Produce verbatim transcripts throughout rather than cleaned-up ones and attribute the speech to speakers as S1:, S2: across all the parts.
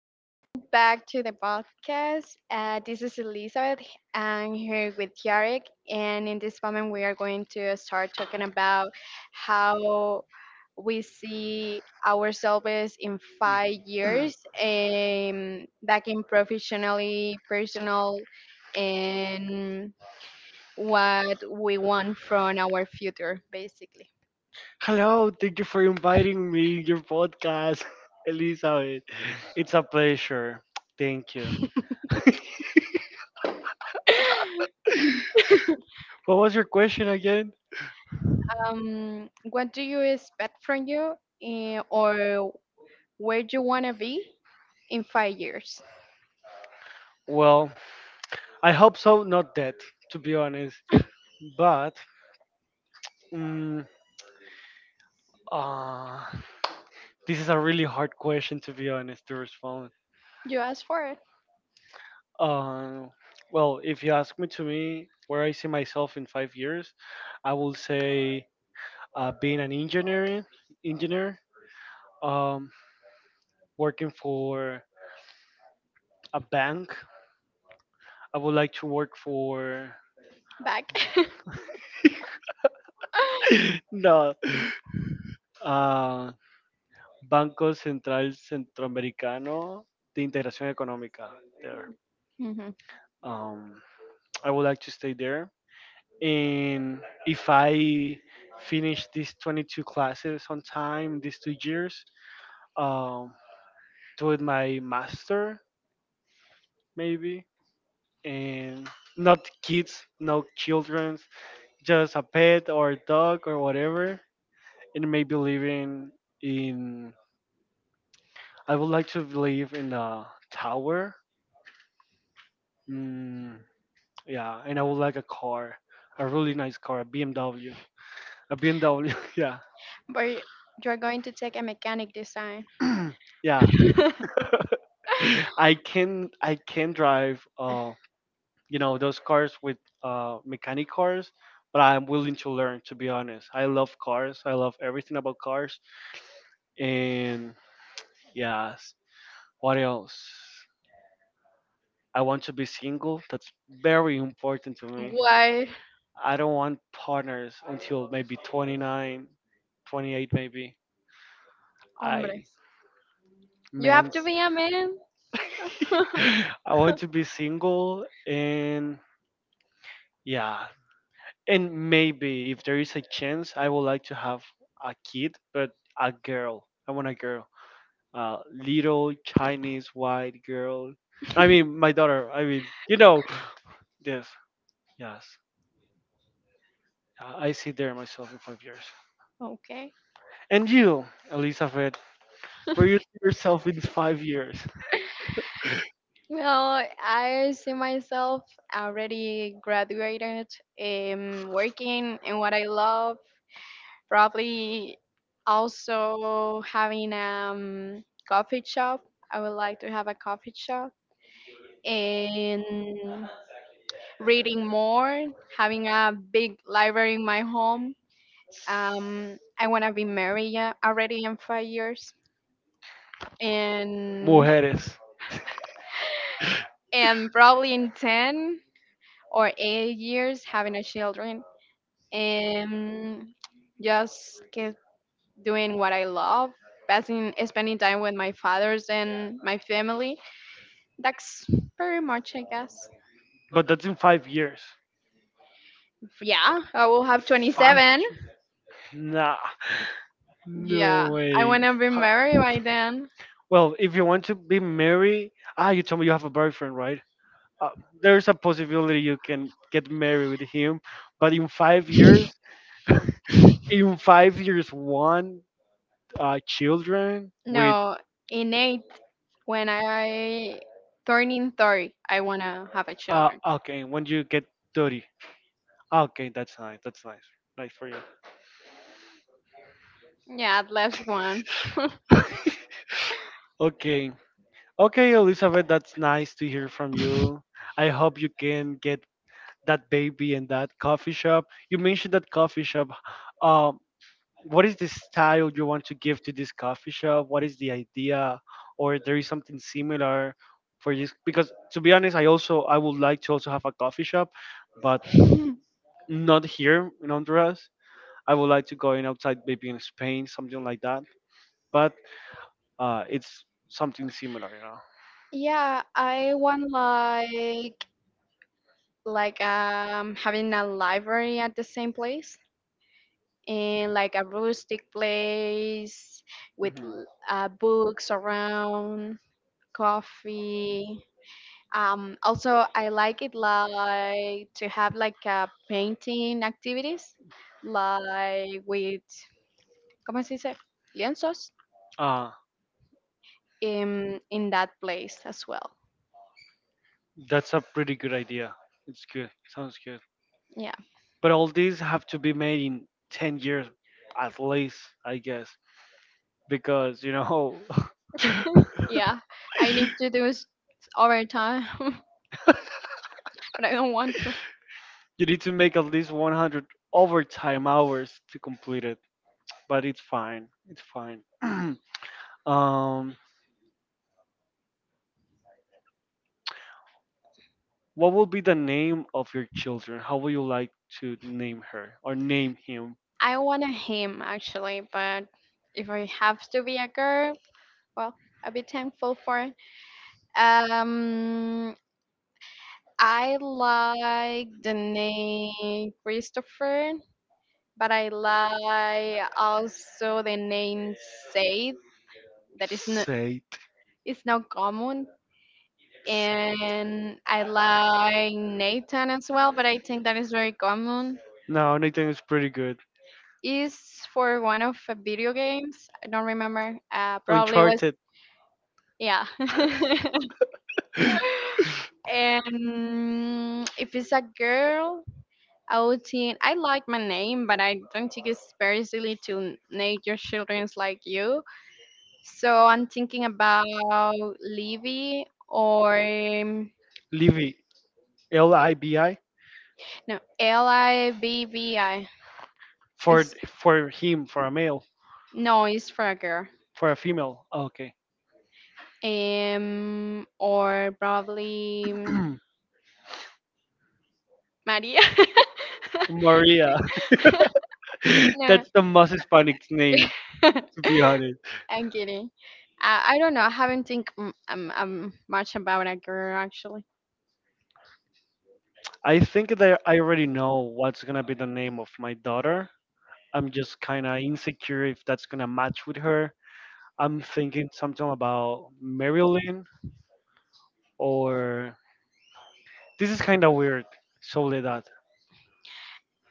S1: Uh, welcome back to the podcast. Uh, this is Elizabeth. I'm here with Yarek, and in this moment, we are going to start talking about how we see ourselves in
S2: Mm.
S1: five years, um, back in professionally, personal, and what we want from our future, basically.
S2: Hello, thank you for inviting me in your podcast, Elizabeth. It's a pleasure. Thank you. What was your question again?
S1: Um, what do you expect from you, eh, or where do you want to be in five years?
S2: Well, I hope so, not that, to be honest. But mm, uh, this is a really hard question, to be honest, to respond.
S1: You asked for it
S2: Uh, well, if you ask me to me where I see myself in five years, I will say uh, being an engineer, engineer, um, working for a bank. I would like to work for
S1: back.
S2: no uh, Banco Central Centroamericano de Integración Económica. There,
S1: Mhm.
S2: um, I would like to stay there. And if I finish these twenty-two classes on time, these two years, um, do it my master maybe, and not kids, no children, just a pet or a dog or whatever, and maybe living in. I would like to live in a tower. Mm, yeah, and I would like a car, a really nice car, a B M W, a B M W. Yeah,
S1: But you're going to take a mechanic design.
S2: yeah. I can I can drive. Uh, you know those cars with uh mechanic cars, but I'm willing to learn. To be honest, I love cars. I love everything about cars. And yes, what else? I want to be single. That's very important to me.
S1: Why,
S2: I don't want partners until maybe twenty nine, twenty eight, maybe.
S1: hombre?
S2: I
S1: You have
S2: man's
S1: to be a man.
S2: I want to be single, and yeah, and maybe if there is a chance, I would like to have a kid, but a girl. I want a girl, a little Chinese white girl. I mean, my daughter. I mean, you know, yes, yes. I I see there myself in five years.
S1: Okay.
S2: And you, Elizabeth, where you see yourself in five years?
S1: Well, I see myself already graduated, um, working in what I love. Probably also having um coffee shop. I would like to have a coffee shop and reading more, having a big library in my home. Um, I want to be married, yeah, already in five years, and
S2: Mujeres.
S1: and probably in ten or eight years having a children, and just get doing what I love, passing spending time with my fathers and my family. That's pretty much, I guess.
S2: But that's in five years.
S1: Yeah, I will have
S2: Five?
S1: twenty-seven.
S2: Nah.
S1: Yeah,
S2: No
S1: I
S2: way.
S1: wanna be married
S2: Ho-
S1: by then.
S2: Well, if you want to be married, ah, you told me you have a boyfriend, right? Uh, there's a possibility you can get married with him, but in five years, in five years, one uh, children with
S1: No, in eight when I turning thirty, I wanna have a
S2: uh,
S1: children.
S2: okay, when you get thirty, okay, that's nice, that's nice, nice for you.
S1: Yeah, the last one.
S2: Okay, okay, Elizabeth, that's nice to hear from you. I hope you can get that baby and that coffee shop. You mentioned that coffee shop. Um, what is the style you want to give to this coffee shop? What is the idea, or there is something similar for this? Because to be honest, I also I would like to also have a coffee shop, but not here in Honduras. I would like to go in outside, maybe in Spain, something like that. But uh, it's something similar, you
S1: Yeah, I want like like um having a library at the same place. In like a rustic place with
S2: know.
S1: l- uh, books around, coffee. Um, also, I like it like to have like a painting activities, like with ¿cómo se dice? Lienzos
S2: Mhm.
S1: in in that place as well.
S2: That's a pretty good idea. It's good. Sounds good.
S1: Yeah,
S2: But all these have to be made in ten years at least, I guess, because, you know,
S1: yeah. I need to do it overtime, but I don't want to.
S2: you need to make at least one hundred overtime hours to complete it. But it's fine. It's fine. um, what will be the name of your children? How would you like to name her or name him?
S1: I want a him actually, but if I have to be a girl, well, I'll be thankful for it. Um, I like the name Christopher, but I like also the name Said. That is not
S2: Say it.
S1: it's not common,
S2: Say-
S1: and I like Nathan as well, but I think that is very common.
S2: No, Nathan is pretty good.
S1: Is for one of the video games. I don't remember. Uh, probably was.
S2: Uncharted,
S1: Yeah. And if it's a girl, outing. I like my name, but I don't take it seriously to n- nature childrens like you. So I'm thinking about Livy, or um,
S2: Libby, L I B I,
S1: no, L I V V I.
S2: for
S1: It's
S2: for him, for a male,
S1: No, it's for a girl.
S2: for a female. Oh, okay.
S1: Um, or probably um, Maria.
S2: Maria.
S1: No.
S2: That's the most Hispanic name, to be honest.
S1: I'm kidding. I, I don't know. I haven't think m- um, um much about a girl actually.
S2: I think that I already know what's gonna be the name of my daughter. I'm just kind of insecure if that's gonna match with her. I'm thinking something about Marilyn or this is kind of weird. Soledad.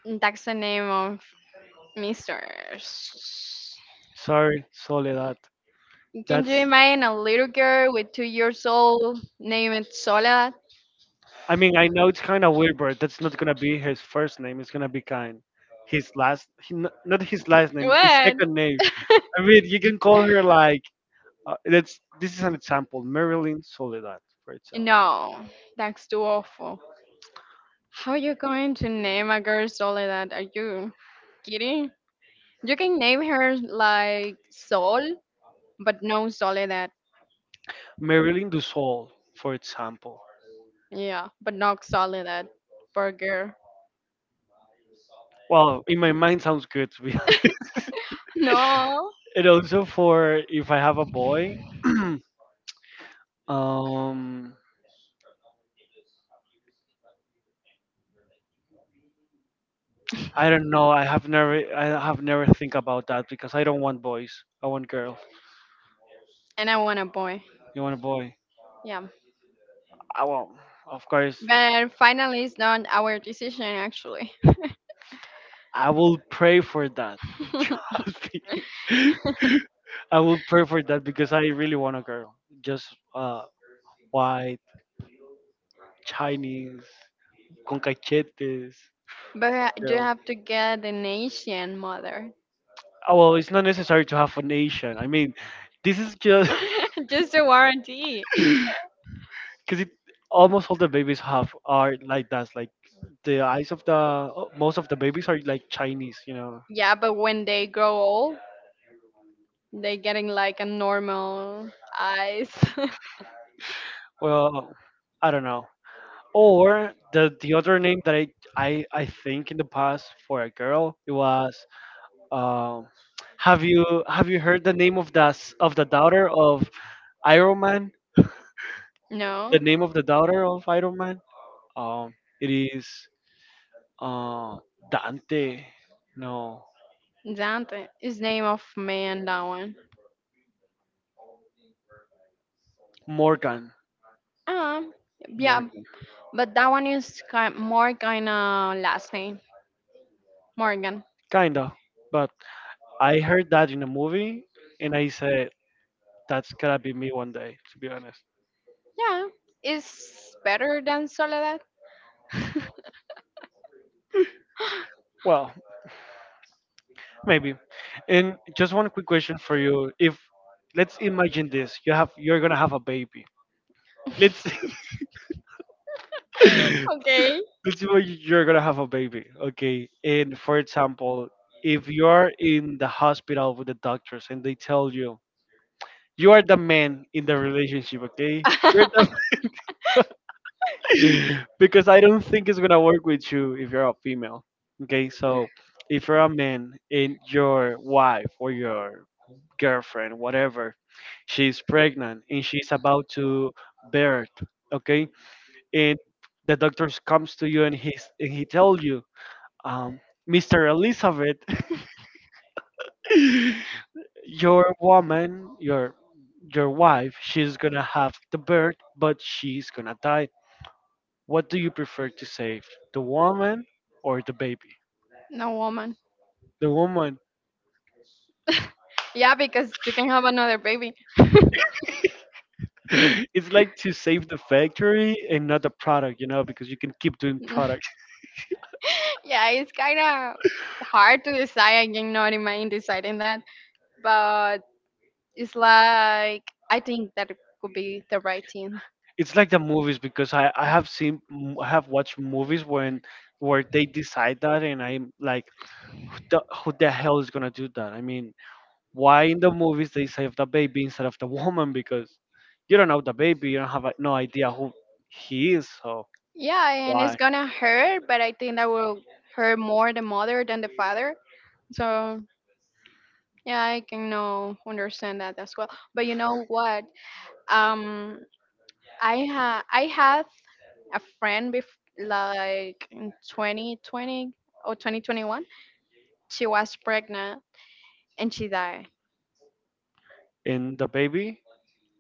S1: That's the name of Misters.
S2: Sorry, Soledad.
S1: Can you
S2: That's.
S1: imagine a little girl with two years old named Soledad?
S2: I mean, I know it's kind of weird, but that's not gonna be his first name. It's gonna be kind. His last, he, n- not his last name, his
S1: What?
S2: second name. I mean, you can call her like. Uh, that's this is an example. Marilyn Soledad, for example.
S1: No, that's too awful. How are you going to name a girl Soledad? Are you kidding? You can name her like Sol, but no Soledad.
S2: Marilyn Du Sol, for example.
S1: Yeah, but not Soledad. Poor girl.
S2: Well, in my mind, sounds good. To be honest.
S1: No.
S2: And also for if I have a boy, um, I don't know. I have never, I have never think about that because I don't want boys. I want girls.
S1: And I want a boy.
S2: You want a boy?
S1: Yeah.
S2: I will, of course.
S1: But finally, it's not our decision, actually.
S2: I will pray for that. Trust me. I will pray for that because I really want a girl. Just uh, white, Chinese, con cachetes
S1: But you
S2: girl.
S1: have to get an Asian mother.
S2: Oh, well, it's not necessary to have a nation. I mean, this is just
S1: Just a warranty.
S2: because it almost all the babies have are like that. Like the eyes of the most of the babies are like Chinese. You know.
S1: Yeah, but when they grow old, they getting like a normal eyes.
S2: Well, I don't know. Or the the other name that I I, I think in the past for a girl it was um, have you have you heard the name of the s- of the daughter of Iron Man? The
S1: No,
S2: name of the daughter of Iron Man? Um, it is uh, Dante. No,
S1: Dante. Is name of man that one.
S2: Morgan.
S1: Ah, yeah,
S2: Morgan.
S1: but that one is kind more kind of last name Morgan.
S2: Kinda, but I heard that in a movie, and I said that's gotta be me one day. To be honest.
S1: Yeah, it's better than Soledad.
S2: Well, maybe. And just one quick question for you. If let's imagine this, you have you're gonna have a baby. Let's
S1: Okay.
S2: let's imagine you're gonna have a baby. Okay. And for example, if you are in the hospital with the doctors and they tell you you are the man in the relationship, okay? You're the because I don't think it's gonna work with you if you're a female. Okay, so if you're a man and your wife or your girlfriend, whatever, she's pregnant and she's about to birth, okay, and the doctor comes to you and he and he tells you, um, Mister Elizabeth, your woman, your your wife, she's gonna have the birth, but she's gonna die. What do you prefer to save, the woman or the baby?
S1: No woman.
S2: The woman.
S1: Yeah, because you can have another baby.
S2: It's like to save the factory and not the product, you know, because you can keep doing product.
S1: yeah, it's kind of hard to decide. I cannot imagine deciding that, but it's like I think that it could be the right thing.
S2: It's like the movies because I, I have seen I have watched movies when where they decide that and I'm like who the, who the hell is gonna do that? I mean, why in the movies they save the baby instead of the woman? Because you don't know the baby, you don't have uh, no idea who he is, so
S1: Yeah, and it's
S2: why?
S1: gonna hurt, but I think that will hurt more the mother than the father. So yeah, I can now understand that as well. But you know what? Um, I ha I have a friend bef- like in twenty twenty or twenty twenty-one. She was pregnant and she died,
S2: And the baby?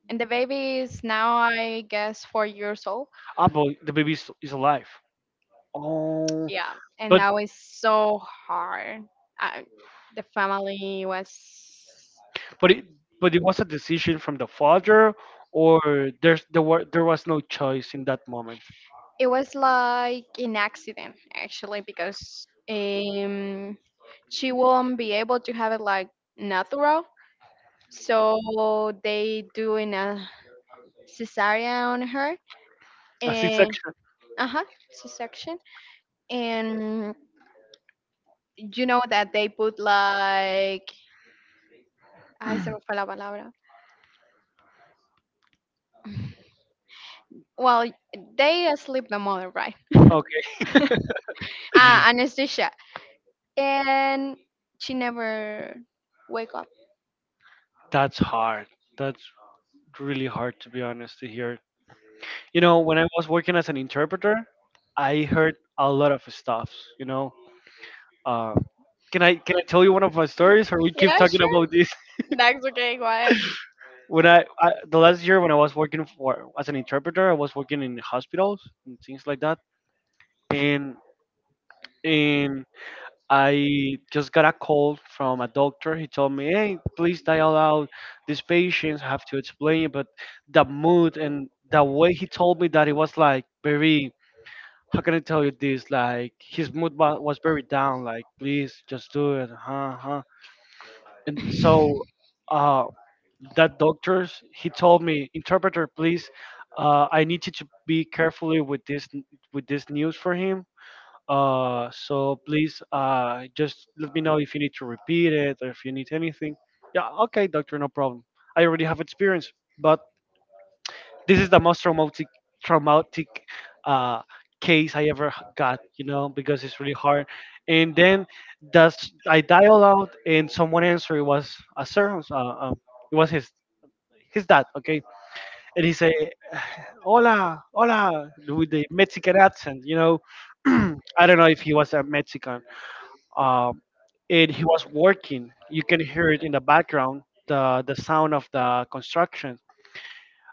S1: and the baby is now, I guess, four years old.
S2: Ah, but the baby is, is alive. Oh,
S1: Yeah. And
S2: but
S1: that was so hard. I, the family was.
S2: but it but it was a decision from the father, or there's there were there was no choice in that moment.
S1: It was like an accident actually, because um she won't be able to have it like natural, so they do in a cesarean on her.
S2: A
S1: And
S2: C-section.
S1: uh-huh, c-section. And you know that they put like ay se me fue la palabra, well, they asleep the mother, right.
S2: Okay,
S1: Ah anesthesia. And she never wake up.
S2: that's hard. That's really hard to be honest to hear. You know, when I was working as an interpreter, I heard a lot of stuffs. You know, uh, can I can I tell you one of my stories, or we keep
S1: Yeah,
S2: talking
S1: sure,
S2: about this?
S1: that's okay, quiet.
S2: When I, I the last year when I was working for as an interpreter, I was working in hospitals and things like that, and and I just got a call from a doctor. He told me, "Hey, please dial out these patients. I have to explain it." But the mood and the way he told me that it was like very. How can I tell you this? Like his mood wa- was very down. Like, please just do it. Huh? Huh? And so, uh, that doctors he told me, interpreter, please. Uh, I need you to be carefully with this with this news for him. Uh, so please, uh, just let me know if you need to repeat it or if you need anything. Yeah, okay, doctor, no problem. I already have experience, but this is the most traumatic, traumatic uh, case I ever h- got, you know, because it's really hard. And then that's I dial out, and someone answered. It was a sir. Uh, um, it was his his dad. Okay, and he say, "Hola, hola," with the Mexican accent, you know. I don't know if he was a Mexican um, and he was working. You can hear it in the background, the the sound of the construction.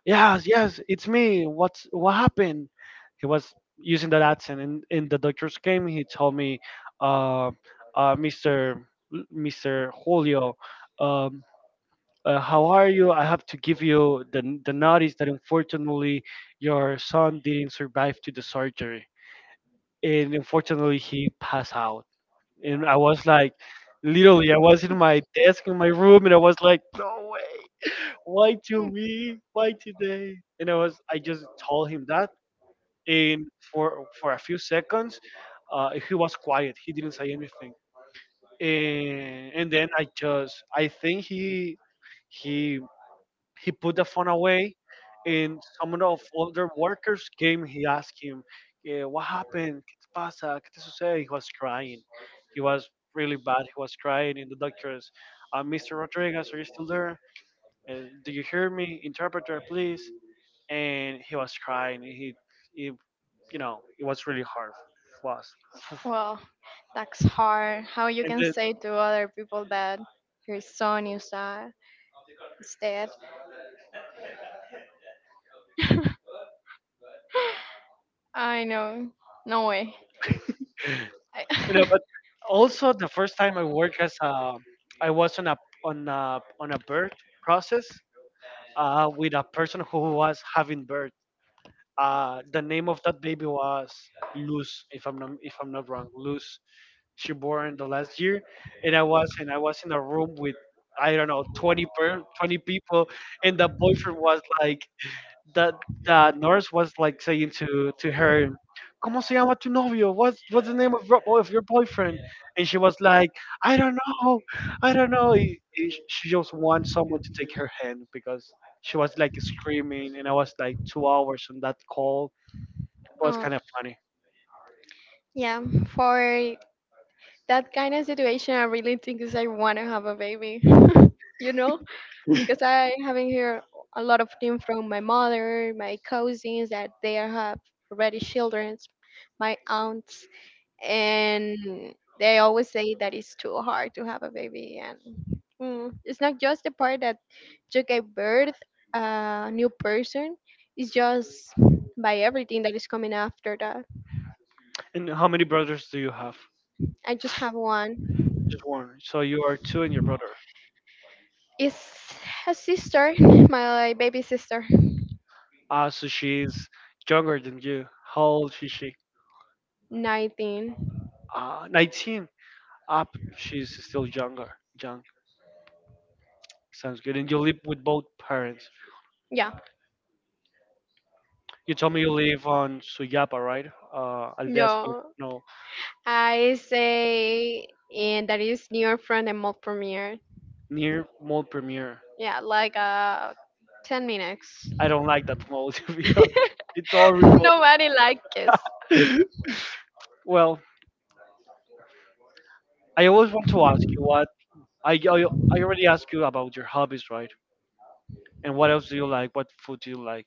S2: Yes, yes, it's me. What's what happened? He was using that accent, and, and the doctors came. He told me, uh, uh, Mister L- Mister Julio, um, uh, how are you? I have to give you the n- the notice that unfortunately your son didn't survive to the surgery, and unfortunately he passed out. And I was like, literally, I was in my desk in my room, and I was like, no way, why
S1: Hmm.
S2: to me, why today? And I was, I just told him that, and for for a few seconds, uh, he was quiet. He didn't say anything, and and then I just, I think he he he put the phone away, and some of older workers came. He asked him, "Eh, what happened? ¿Qué te pasa? ¿Qué te sucede?" He was crying. He was really bad. He was crying, and the doctors, uh, "mister Rodriguez, are you still there? And do you hear me? Interpreter, please." And he was crying. He, he you know, it was really hard. Was.
S1: Well, that's hard. How you
S2: And
S1: can
S2: then,
S1: say to other people that your son is uh, It's, I know. No way.
S2: you know,
S1: I-
S2: but also the first time I worked as a, I was on a on a on a birth process uh, with a person who was having birth. Uh, the name of that baby was Luz, if I'm not if I'm not wrong. Luz. She born the last year, and I was and I was in a room with I don't know twenty per, twenty people, and the boyfriend was like, that that nurse was like saying to to her, "Cómo se llama tu novio? What's what's the name of your, of your boyfriend?" And she was like, "I don't know, I don't know." Y- y She just wants someone to take her hand because she was like screaming, and I was like two hours on that call. It was
S1: Uh,
S2: kind of funny.
S1: yeah, for that kind of situation, I really think is I want to have a baby. you know, because I haven't here a lot of things from my mother, my cousins that they are have already children, my aunts. And they always say that it's too hard to have a baby, and mm, it's not just the part that you gave birth uh, a new person. It's just by everything that is coming after that.
S2: And how many brothers do you have?
S1: I just have one.
S2: Just one. So you are two and your brother.
S1: It's a sister, my baby sister.
S2: Ah, so she's younger than you. How old is she?
S1: nineteen.
S2: Ah, nineteen. Ah, but she's still younger. Young. Sounds good. And you live with both parents.
S1: Yeah.
S2: You told me you live on Suyapa, right? Uh, Aldea Suyapa,
S1: No,
S2: no,
S1: I say, and that is near from the Mall Premiere.
S2: near Mall Premier.
S1: Yeah, like uh, ten minutes.
S2: I don't like that mall, to be honest. It's horrible.
S1: Nobody likes it.
S2: well, I always want to ask you what I, I I already asked you about your hobbies, right? And what else do you like? What food do you like?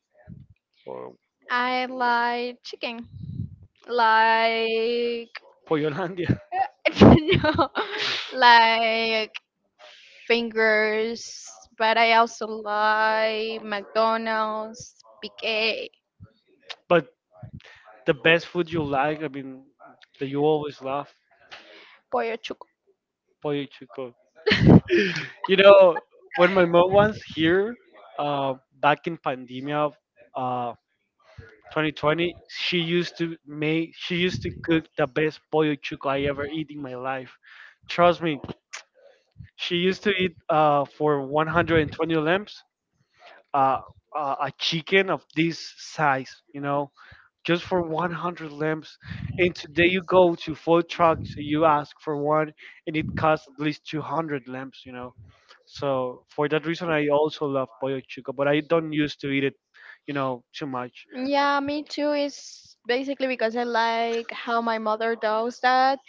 S2: Or
S1: I like chicken. Like,
S2: Pollolandia.
S1: no, like fingers, but I also like McDonald's, Big A,
S2: But the best food you like, I mean, that you always love,
S1: Pollo Chuco.
S2: pollo chico. You know, when my mom was here, uh, back in pandemia of uh, twenty twenty, she used to make, she used to cook the best pollo chuco I ever eat in my life. Trust me, she used to eat uh, for one hundred twenty lamps, uh, uh, a chicken of this size, you know just for one hundred lamps. And today you go to food trucks, you ask for one, and it costs at least two hundred lamps, you know. So for that reason, I also love pollo chuco, but I don't used to eat it, you know, too much.
S1: Yeah, me too. It's basically because I like how my mother does that,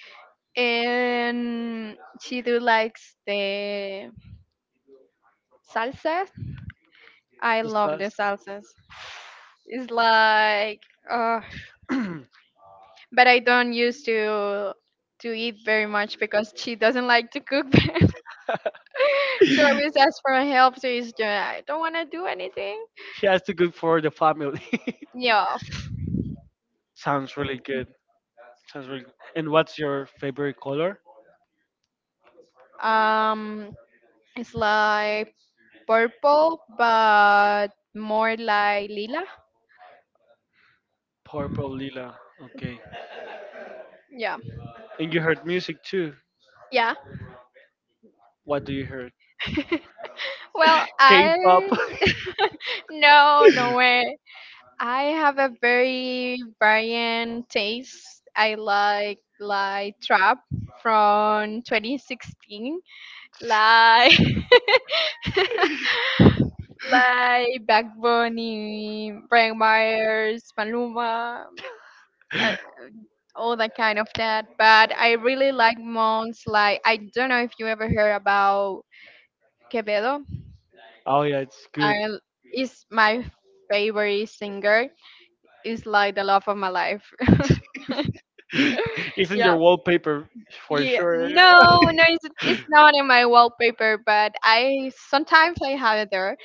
S1: and she do likes the salsas? I love the
S2: Because
S1: salsas. It's like, uh, but I don't used to to eat very much because she doesn't like to cook. She
S2: he
S1: always asks for help, so it's just, I don't want to do anything.
S2: has to cook for the family.
S1: Yeah.
S2: Sounds really good. Sounds really good. And what's your favorite color?
S1: Um, it's like purple, but more like lila.
S2: Purple, lila. Okay.
S1: Yeah.
S2: And you heard music too.
S1: Yeah.
S2: What do you heard?
S1: Well,
S2: K-pop.
S1: I no, no way. I have a very variant taste. I like like trap from twenty sixteen, like like Backbone, in Brian Myers, Maluma, uh, all that kind of that. But I really like Mons. Like, I don't know if you ever heard about Quevedo.
S2: oh yeah, it's
S1: I
S2: good.
S1: is my favorite singer. Is like the love of my life.
S2: it's in your
S1: Yeah.
S2: wallpaper for
S1: Yeah,
S2: sure.
S1: no, no, it's, it's not in my wallpaper, but I sometimes I have it there.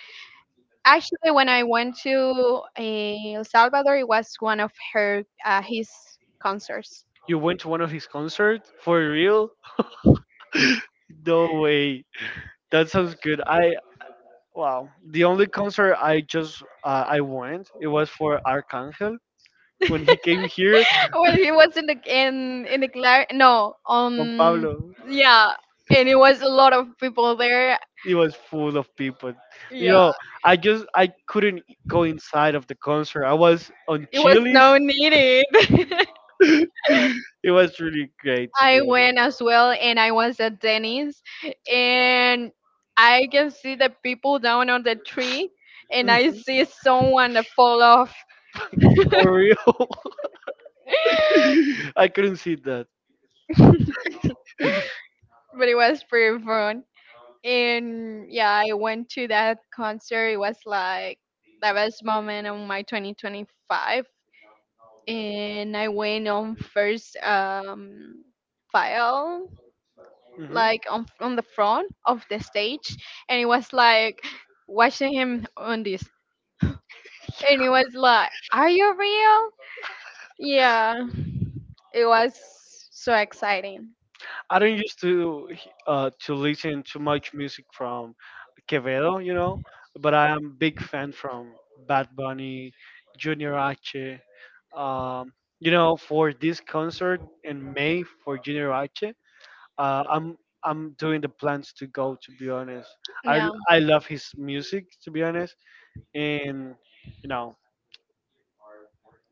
S1: Actually, when I went to eh, El Salvador, it was one of her uh, his concerts.
S2: You went to one of his concerts for real? No way. That sounds good. I wow. The only concert I just uh, I went it was for Arcangel when he came here
S1: Well, he was in the in in the glare. No,
S2: on
S1: um,
S2: Pablo.
S1: yeah, and it was a lot of people there.
S2: It was full of people. You
S1: Yeah,
S2: know, I just I couldn't go inside of the concert. I was on
S1: it was
S2: Chili's.
S1: no needed.
S2: it was really great to be
S1: I
S2: honest.
S1: went as well, and I was at Denny's, and I can see the people down on the tree, and
S2: Mhm,
S1: I see someone that fall off.
S2: for real, I couldn't see that.
S1: But it was pretty fun. And yeah, I went to that concert. It was like the best moment of my twenty twenty-five. And I went on first um, file,
S2: hmm
S1: like on, on the front of the stage. And it was like watching him on this. And it was like, are you real? Yeah, it was so exciting.
S2: I don't used to uh, to listen too much music from Quevedo, you know, but I am big fan from Bad Bunny, Junior H. Um, you know, for this concert in May for Junior H, uh, I'm I'm doing the plans to go. To be honest, I
S1: Yeah.
S2: I love his music. To be honest, and you know,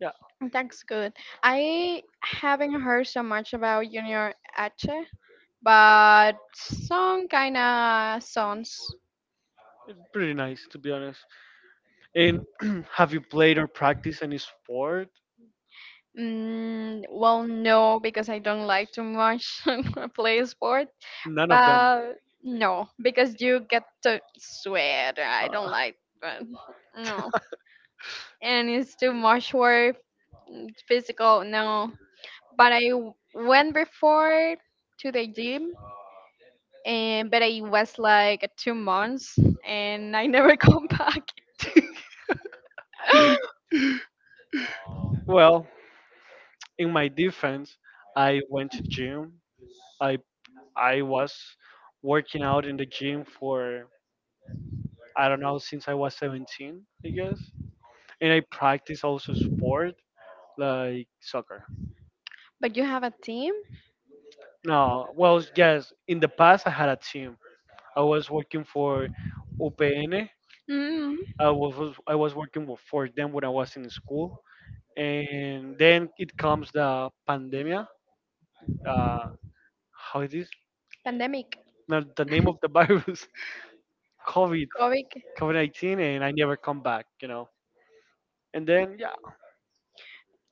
S2: yeah,
S1: That's good. I haven't heard so much about Junior H, but some kind of songs.
S2: it's pretty nice. To be honest, and have you played or practiced any sport?
S1: Mm, well, no, because I don't like too much play sport.
S2: None of them.
S1: But no, because you get to sweat. I
S2: Uh,
S1: don't like that. No. And it's too much work, mm, physical, no. But I w- went before to the gym, and but it was like two months and I never come back.
S2: well, in my defense, I went to gym. I I was working out in the gym for I don't know since I was seventeen, I guess. And I practice also sport like soccer.
S1: But you have a team?
S2: No, well, yes. In the past, I had a team. I was working for U P N.
S1: Mm,
S2: I was I was working with- for them when I was in school, and then it comes the pandemia. Uh, how it is?
S1: pandemic,
S2: Not the name of the virus. COVID
S1: COVID.
S2: COVID nineteen, and I never come back. You know, and then yeah,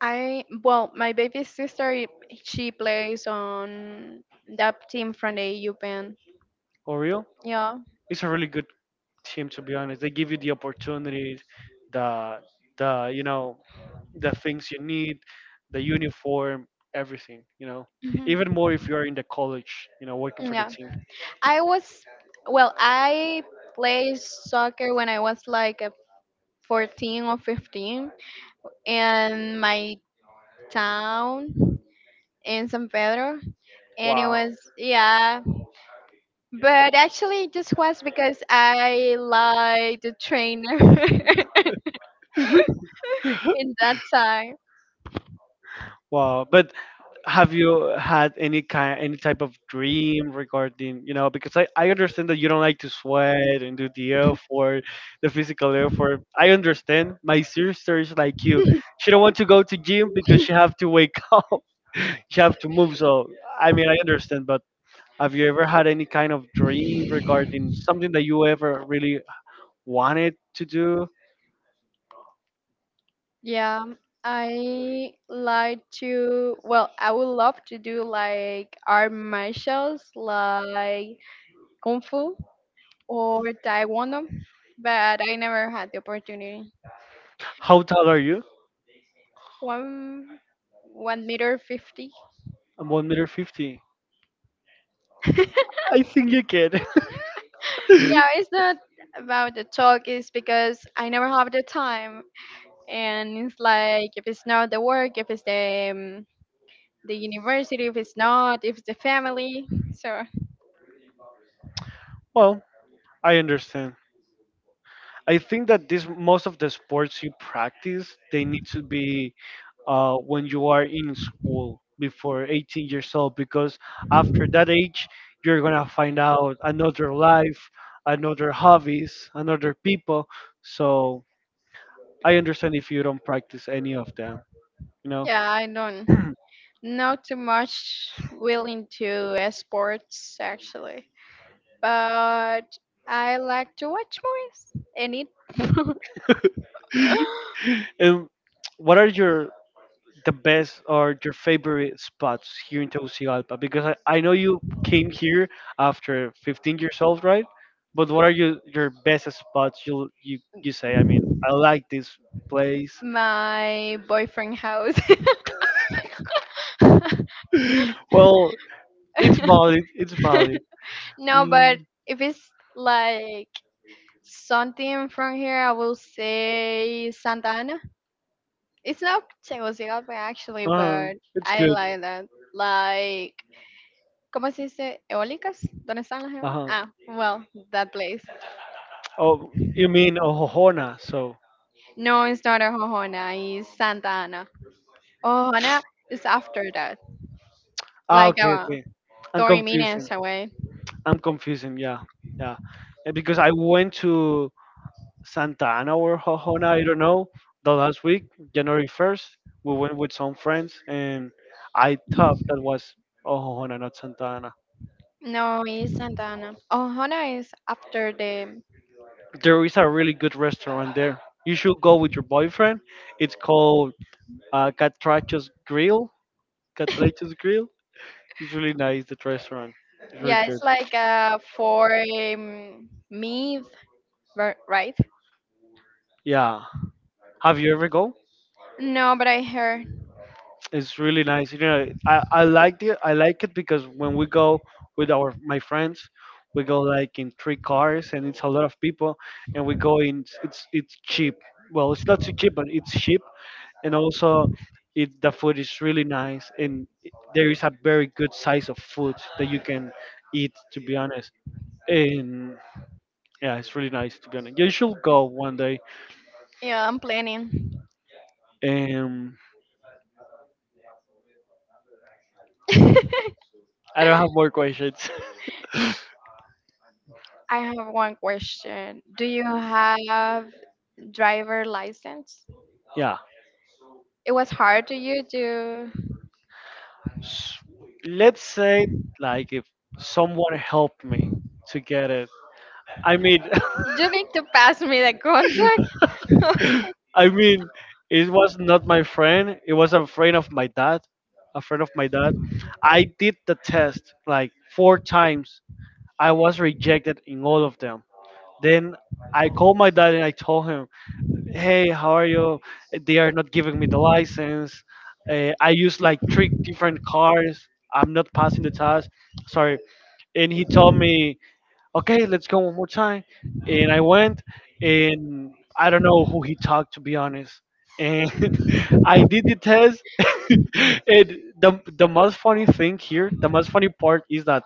S1: I well, my baby sister i- she plays on that team from the E U Pen.
S2: Oriol.
S1: Yeah.
S2: It's a really good team to be honest. They give you the opportunities, the the you know the things you need, the uniform, everything. You know,
S1: Mhm.
S2: even more if you're in the college. You know, working for the
S1: Yeah.
S2: team.
S1: I was well, I played soccer when I was like a fourteen or fifteen and my town in San Pedro, and it
S2: Wow.
S1: was. Yeah. But actually, it just was because I liked the trainer in that time.
S2: Wow, but have you had any kind any type of dream regarding you know because I, I understand that you don't like to sweat and do the effort the physical effort. I understand. My sister is like you. She don't want to go to gym because she have to wake up. She have to move. So I mean I understand, but have you ever had any kind of dream regarding something that you ever really wanted to do?
S1: Yeah, I like to. Well, I would love to do like art martials, like kung fu or taekwondo, but I never had the opportunity.
S2: How tall are you?
S1: One one meter fifty.
S2: I'm one meter fifty. I think you can.
S1: Yeah, it's not about the talk, it's because I never have the time. And it's like, if it's not the work, if it's the, um, the university, if it's not, if it's the family. So,
S2: Well, I understand. I think that this most of the sports you practice they need to be uh, when you are in school before eighteen years old because after that age you're gonna find out another life, another hobbies, another people. So I understand if you don't practice any of them, you know.
S1: yeah, I don't know too much willing to uh, sports actually. But I like to watch movies and eat.
S2: And what are your the best or your favorite spots here in Tegucigalpa? Because I, I know you came here after fifteen years old, right? But what are you, your best spots you you you say? I mean, I like this place.
S1: My boyfriend house.
S2: Well, it's valid. It's valid.
S1: No, but
S2: Mm,
S1: if it's like something from here, I will say Santa Ana. It's not Tegucigalpa actually,
S2: uh-huh.
S1: but
S2: It's
S1: I
S2: good.
S1: like that. Like, ¿cómo se dice? ¿Eólicas? ¿Dónde están las eólicas?
S2: Uh-huh.
S1: Ah, well, that place.
S2: Oh, you mean Ohona? So
S1: No, it's not a Jojona, it's Santa Ana. Jojona is after that,
S2: ah,
S1: like
S2: okay,
S1: uh,
S2: okay. I'm
S1: thirty
S2: confusing.
S1: minutes away.
S2: I'm confusing. Yeah, yeah. Eh, because I went to Santa Ana or Hojona, I don't know. The last week, January first, we went with some friends and I thought that was oh, Hojona, not Santa Ana.
S1: No, it's Santa Ana. Jojona is after the.
S2: There is a really good restaurant there. You should go with your boyfriend. It's called uh, Catracho's Grill. Catracho's Grill. It's really nice, that restaurant. It's really
S1: Yeah,
S2: good.
S1: it's like uh, for um, meat, ver- right?
S2: Yeah. Have you ever go?
S1: No, but I heard.
S2: It's really nice. You know, I, I like it. I like it because when we go with our my friends, we go like in three cars, and it's a lot of people, and we go in. It's it's cheap. Well, it's not too cheap, but it's cheap, and also, it the food is really nice, and i- there is a very good size of food that you can eat. To be honest, and yeah, it's really nice. To be honest, you should go one day.
S1: Yeah, I'm planning.
S2: Um, I don't have more questions.
S1: I have one question. Do you have driver license?
S2: Yeah.
S1: It was hard to you to.
S2: S- Let's say like if someone helped me to get it. I mean,
S1: You need to pass me the contact.
S2: I mean, it was not my friend. It was a friend of my dad. A friend of my dad. I did the test like four times. I was rejected in all of them. Then I called my dad and I told him, "Hey, how are you? They are not giving me the license. Uh, I used like three different cars. I'm not passing the test. Sorry." And he told me, okay, let's go one more time. And I went, and I don't know who he talked to be honest. And I did the test. And the the most funny thing here, the most funny part is that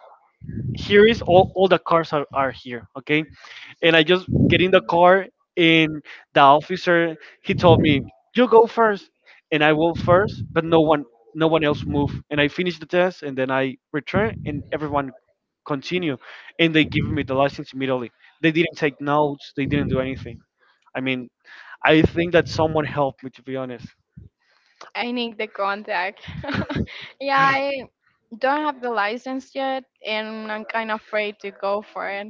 S2: here is all, all the cars are, are here. Okay, and I just get in the car and the officer he told me you go first," and I went first but no one no one else moved. And I finish the test and then I return and everyone continue and they give me the license immediately. They didn't take notes. They didn't do anything. I mean, I think that someone helped me to be honest.
S1: I need the contact. Yeah, I don't have the license yet, and I'm kind of afraid to go for it.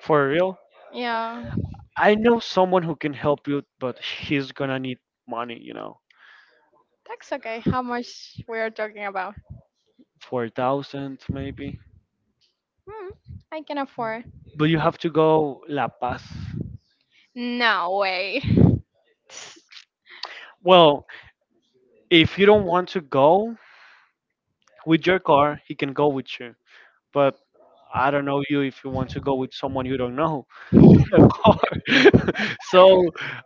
S2: For real,
S1: Yeah,
S2: I know someone who can help you but he's gonna need money you know,
S1: that's okay. How much we are talking about?
S2: four thousand maybe,
S1: Hmm, I can afford.
S2: but you have to go La Paz.
S1: No way.
S2: Well, if you don't want to go with your car, he can go with you. But I don't know you if you want to go with someone you don't know in a car. So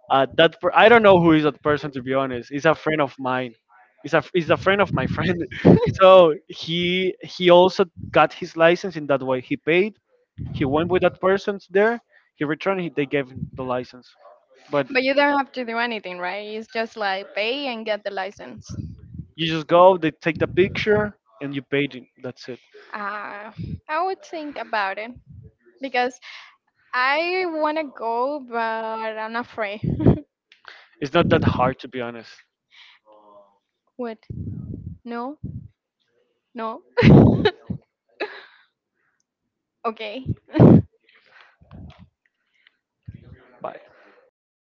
S2: uh, that per- I don't know who is that person to be honest. He's a friend of mine. He's a he's a friend of my friend. So he he also got his license in that way. He paid. He went with that person there. He returned. He, they gave him the license. But
S1: But you don't have to do anything, right? It's just like pay and get the license.
S2: you just go. They take the picture and you paid it. That's it.
S1: Uh, I would think about it because I want to go, but I'm afraid.
S2: It's not that hard to be honest.
S1: What? No? No? Okay.
S2: Bye.